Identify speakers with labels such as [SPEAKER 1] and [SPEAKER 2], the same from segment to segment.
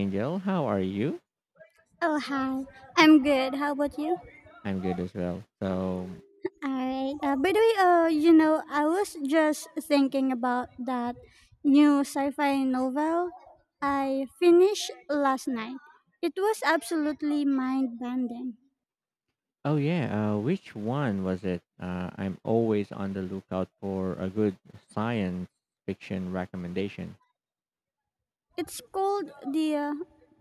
[SPEAKER 1] Angel, how are you?
[SPEAKER 2] Oh, hi. I'm good. How about you?
[SPEAKER 1] I'm good as well. So,
[SPEAKER 2] All right. By the way, you know, I was just thinking about that new sci-fi novel I finished last night. It was absolutely mind-bending.
[SPEAKER 1] oh yeah, which one was it? I'm always on the lookout for a good science fiction recommendation.
[SPEAKER 2] It's called the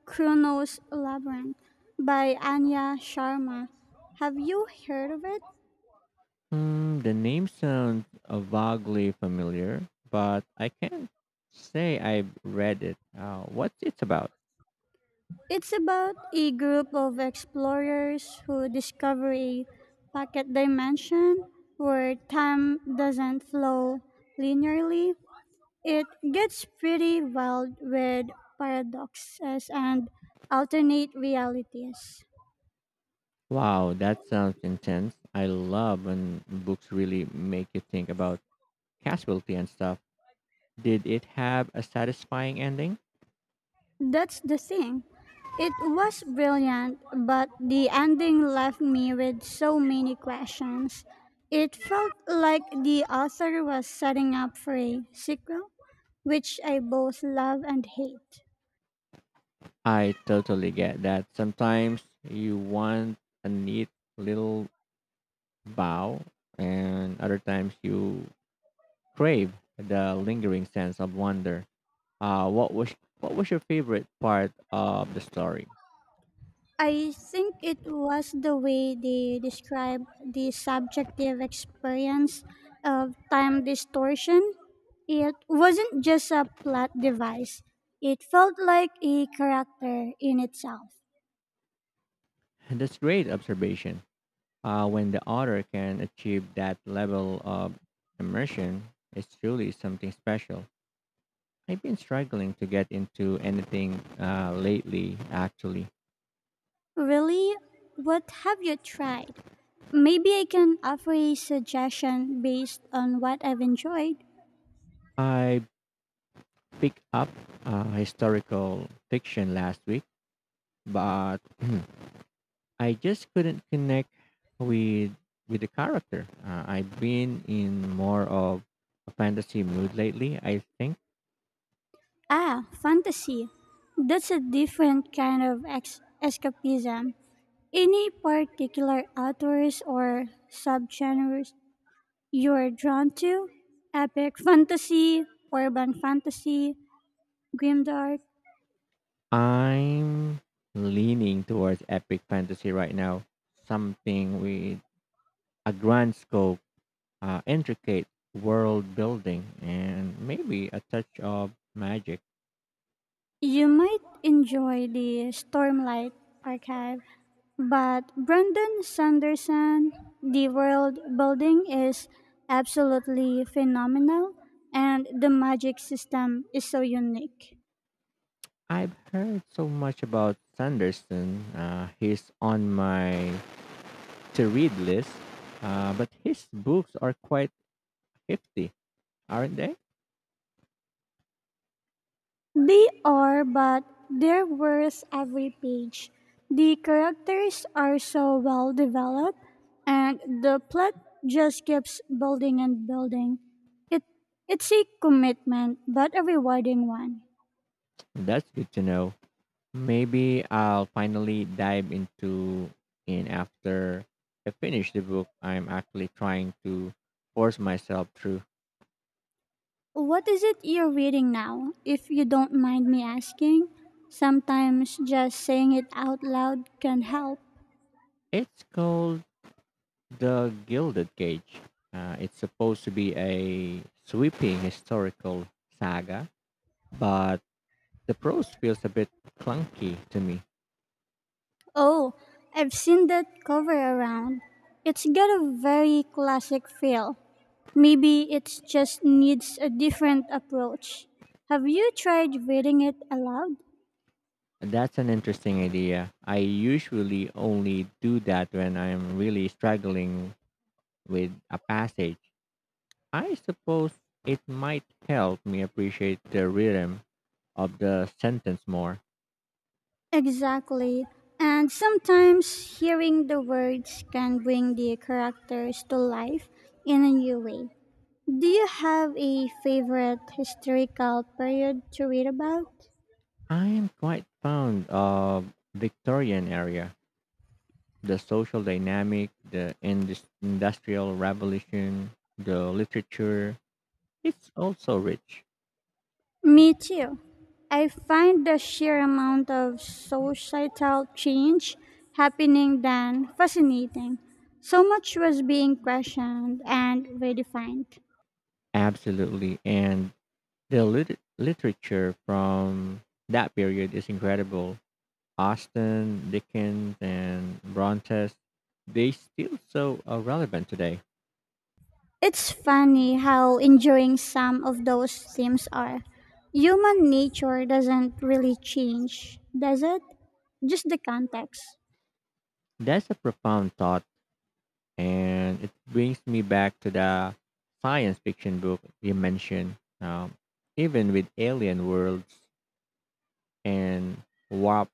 [SPEAKER 2] Chronos Labyrinth by Anya Sharma. Have you heard of it?
[SPEAKER 1] Hmm, the name sounds vaguely familiar, but I can't say I've read it. What's it about?
[SPEAKER 2] It's about a group of explorers who discover a pocket dimension where time doesn't flow linearly. It gets pretty wild with paradoxes and alternate realities.
[SPEAKER 1] Wow, that sounds intense. I love when books really make you think about casualty and stuff. Did it have a satisfying ending?
[SPEAKER 2] That's the thing. It was brilliant, but the ending left me with so many questions. It felt like the author was setting up for a sequel, which I both love and hate.
[SPEAKER 1] I totally get that. Sometimes you want a neat little bow, and other times you crave the lingering sense of wonder. What was your favorite part of the story?
[SPEAKER 2] I think it was the way they described the subjective experience of time distortion. It wasn't just a plot device, it felt like a character in itself.
[SPEAKER 1] And That's great observation. When the author can achieve that level of immersion, it's truly something special. I've been struggling to get into anything lately. Actually,
[SPEAKER 2] Really? What have you tried? Maybe I can offer a suggestion based on what I've enjoyed.
[SPEAKER 1] I picked up a historical fiction last week, but I just couldn't connect with with the character. I've been in more of a fantasy mood lately. I think
[SPEAKER 2] Ah, fantasy. That's a different kind of escapism. Any particular authors or subgenres you're drawn to? Epic fantasy, urban fantasy, grimdark?
[SPEAKER 1] I'm leaning towards epic fantasy right now, something with a grand scope, intricate world building, and maybe a touch of magic.
[SPEAKER 2] You might enjoy the Stormlight Archive, but Brandon Sanderson, the world building is absolutely phenomenal, and the magic system is so unique.
[SPEAKER 1] I've heard so much about Sanderson. He's on my to read list, but his books are quite hefty, aren't they?
[SPEAKER 2] They are, but they're worth every page. The characters are so well developed, and the plot just keeps building and building. It, it's a commitment, but a rewarding one.
[SPEAKER 1] That's good to know. Maybe I'll finally dive into in after I finish the book I'm actually trying to force myself through.
[SPEAKER 2] What is it you're reading now, if you don't mind me asking? Sometimes just saying it out loud can help.
[SPEAKER 1] It's called The Gilded Cage. It's supposed to be a sweeping historical saga, but the prose feels a bit clunky to me.
[SPEAKER 2] Oh, I've seen that cover around. It's got a very classic feel. Maybe it just needs a different approach. Have you tried reading it aloud?
[SPEAKER 1] That's an interesting idea. I usually only do that when I'm really struggling with a passage. I suppose it might help me appreciate the rhythm of the sentence more.
[SPEAKER 2] Exactly. And sometimes hearing the words can bring the characters to life in a new way. Do you have a favorite historical period to read about?
[SPEAKER 1] I am quite fond of Victorian era, the social dynamic, the industrial revolution, the literature. It's also rich.
[SPEAKER 2] Me too. I find the sheer amount of societal change happening then fascinating. So much was being questioned and redefined.
[SPEAKER 1] Absolutely. And the literature from that period is incredible. Austin, Dickens, and Brontes, they still so relevant today.
[SPEAKER 2] It's funny how enduring some of those themes are. Human nature doesn't really change, does it? Just the context.
[SPEAKER 1] That's a profound thought, and it brings me back to the science fiction book you mentioned. Even with alien worlds and warp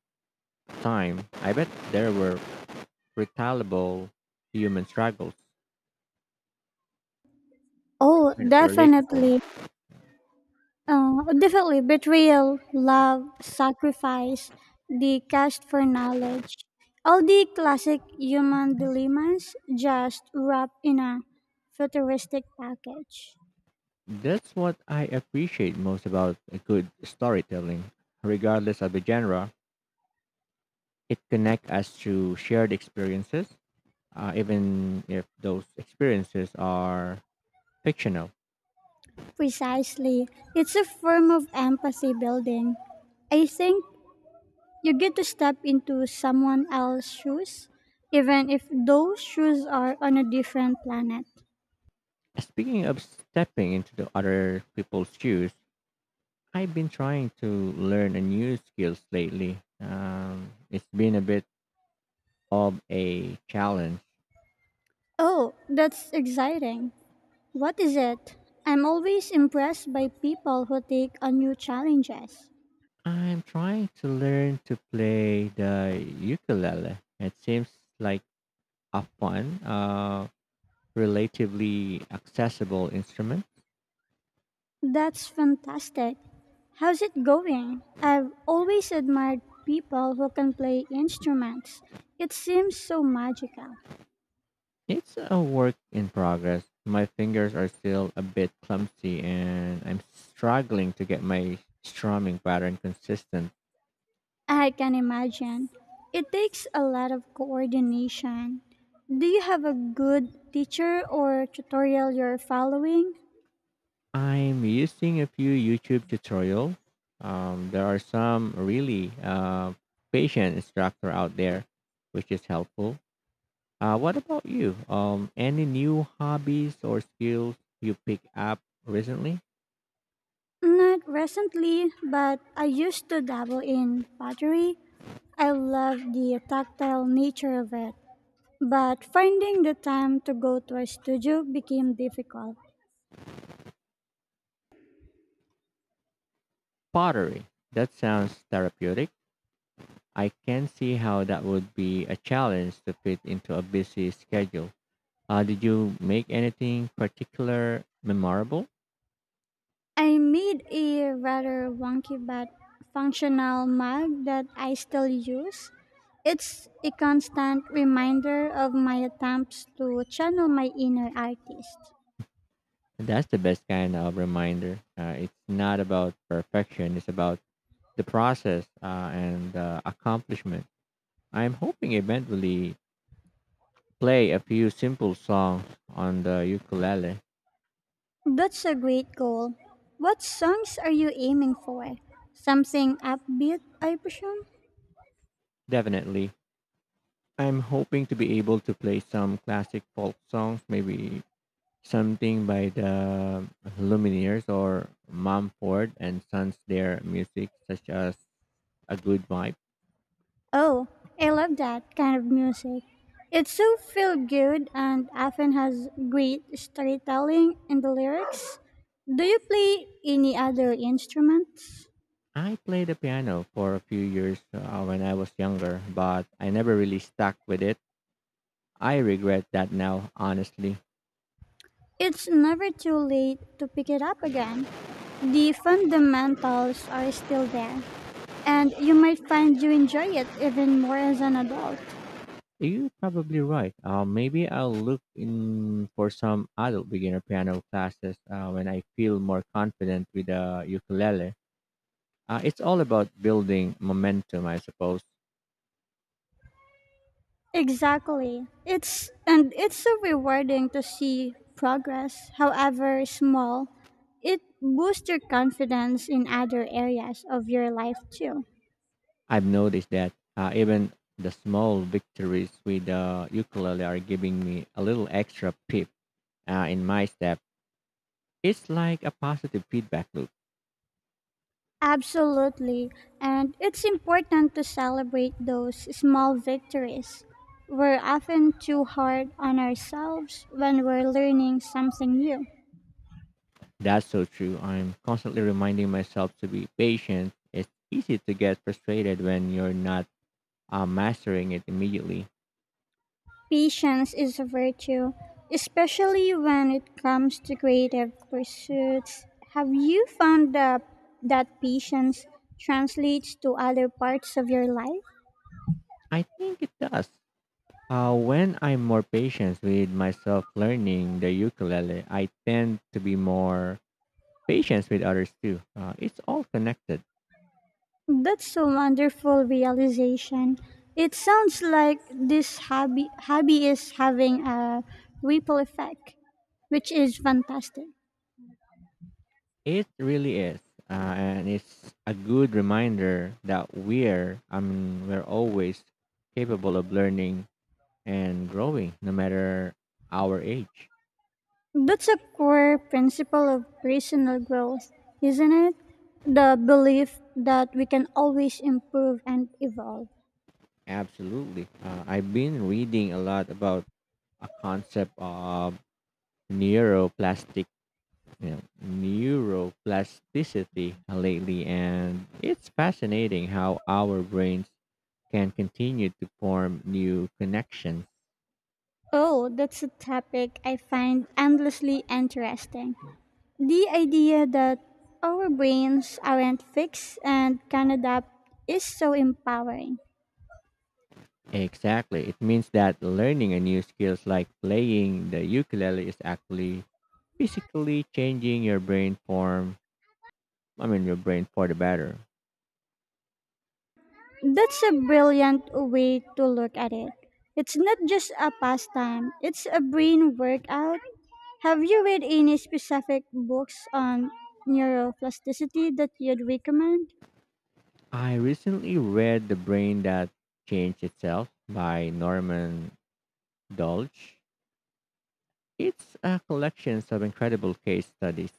[SPEAKER 1] time, I bet there were retaliable human struggles
[SPEAKER 2] Oh,
[SPEAKER 1] and relatable.
[SPEAKER 2] definitely. Definitely betrayal, love, sacrifice, the quest for knowledge. All the classic human dilemmas just wrapped in a futuristic package.
[SPEAKER 1] That's what I appreciate most about a good storytelling. Regardless of the genre, it connects us to shared experiences, even if those experiences are fictional.
[SPEAKER 2] Precisely. It's a form of empathy building. I think you get to step into someone else's shoes, even if those shoes are on a different planet.
[SPEAKER 1] Speaking of stepping into the other people's shoes, I've been trying to learn a new skills lately. It's been a bit of a challenge.
[SPEAKER 2] Oh, that's exciting. What is it? I'm always impressed by people who take on new challenges.
[SPEAKER 1] I'm trying to learn to play the ukulele. It seems like a fun, relatively accessible instrument.
[SPEAKER 2] That's fantastic. How's it going? I've always admired people who can play instruments. It seems so magical.
[SPEAKER 1] It's a work in progress. My fingers are still a bit clumsy and I'm struggling to get my strumming pattern consistent.
[SPEAKER 2] I can imagine. It takes a lot of coordination. Do you have a good teacher or tutorial you're following?
[SPEAKER 1] I'm using a few YouTube tutorials. There are some really patient instructor out there, which is helpful. What about you? Any new hobbies or skills you pick up recently?
[SPEAKER 2] Not recently, but I used to dabble in pottery. I love the tactile nature of it, but finding the time to go to a studio became difficult.
[SPEAKER 1] Pottery. That sounds therapeutic. I can see how that would be a challenge to fit into a busy schedule. Did you make anything particular memorable?
[SPEAKER 2] I made a rather wonky but functional mug that I still use. It's a constant reminder of my attempts to channel my inner artist.
[SPEAKER 1] That's the best kind of reminder. It's not about perfection, it's about the process and accomplishment. I'm hoping eventually play a few simple songs on the ukulele.
[SPEAKER 2] That's a great goal. What songs are you aiming for? Something upbeat, I presume?
[SPEAKER 1] Definitely. I'm hoping to be able to play some classic folk songs, maybe something by the Lumineers or Mumford and Sons their music such as a good vibe.
[SPEAKER 2] Oh, I love that kind of music. It's so feel good and often has great storytelling in the lyrics. Do you play any other instruments?
[SPEAKER 1] I played the piano for a few years when I was younger, but I never really stuck with it. I regret that now, honestly.
[SPEAKER 2] It's never too late to pick it up again. The fundamentals are still there, and you might find you enjoy it even more as an adult.
[SPEAKER 1] You're probably right. Maybe I'll look in for some adult beginner piano classes when I feel more confident with the ukulele. It's all about building momentum, I suppose.
[SPEAKER 2] Exactly. It's so rewarding to see progress, however small. It boosts your confidence in other areas of your life too.
[SPEAKER 1] I've noticed that even the small victories with the ukulele are giving me a little extra pip in my step. It's like a positive feedback loop.
[SPEAKER 2] Absolutely. And it's important to celebrate those small victories. We're often too hard on ourselves when we're learning something new.
[SPEAKER 1] That's so true. I'm constantly reminding myself to be patient. It's easy to get frustrated when you're not mastering it immediately.
[SPEAKER 2] Patience is a virtue, especially when it comes to creative pursuits. Have you found that patience translates to other parts of your life?
[SPEAKER 1] I think it does. When I'm more patient with myself learning the ukulele, I tend to be more patient with others too. It's all connected.
[SPEAKER 2] That's a wonderful realization. It sounds like this hobby is having a ripple effect, which is fantastic.
[SPEAKER 1] It really is, and it's a good reminder that we're I mean we're always capable of learning and growing, no matter our age.
[SPEAKER 2] That's a core principle of personal growth, isn't it? The belief that we can always improve and evolve.
[SPEAKER 1] Absolutely, I've been reading a lot about a concept of neuroplastic, neuroplasticity lately, and it's fascinating how our brains can continue to form new connections.
[SPEAKER 2] Oh, that's a topic I find endlessly interesting. The idea that our brains aren't fixed and can adapt is so empowering.
[SPEAKER 1] Exactly. It means that learning a new skills like playing the ukulele is actually physically changing your brain form. I mean, your brain for the better.
[SPEAKER 2] That's a brilliant way to look at it. It's not just a pastime, it's a brain workout. Have you read any specific books on neuroplasticity that you'd recommend?
[SPEAKER 1] I recently read The Brain That Changed Itself by Norman Dolch. It's a collection of incredible case studies.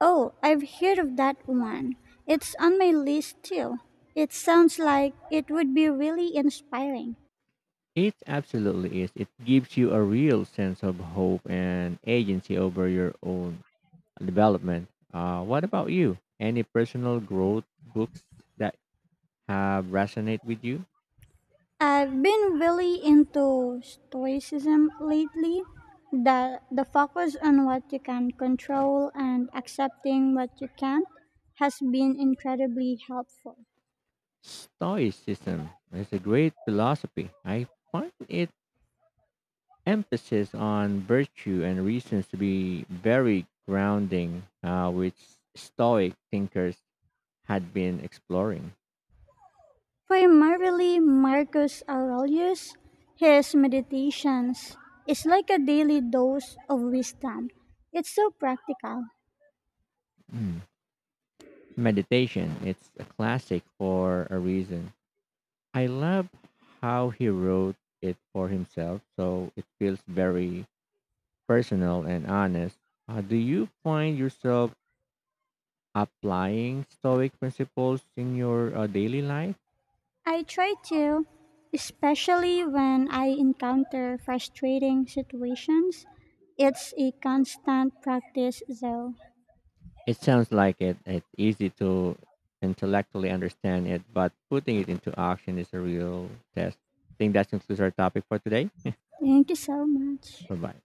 [SPEAKER 2] Oh, I've heard of that one. It's on my list too. It sounds like it would be really inspiring.
[SPEAKER 1] It absolutely is. It gives you a real sense of hope and agency over your own development. What about you? Any personal growth books that have resonate with you.
[SPEAKER 2] I've been really into stoicism lately. The focus on what you can control and accepting what you can't has been incredibly helpful.
[SPEAKER 1] Stoicism is a great philosophy. I find its emphasis on virtue and reasons to be very grounding, which Stoic thinkers had been exploring.
[SPEAKER 2] Primarily Marcus Aurelius, his meditations is like a daily dose of wisdom. It's so practical.
[SPEAKER 1] Mm. Meditation, it's a classic for a reason. I love how he wrote it for himself, so it feels very personal and honest. Do you find yourself applying stoic principles in your daily life.
[SPEAKER 2] I try to, especially when I encounter frustrating situations. It's a constant practice, though.
[SPEAKER 1] It sounds like it's easy to intellectually understand it but putting it into action is a real test. I think that concludes our topic for today.
[SPEAKER 2] Thank you so much.
[SPEAKER 1] Bye bye.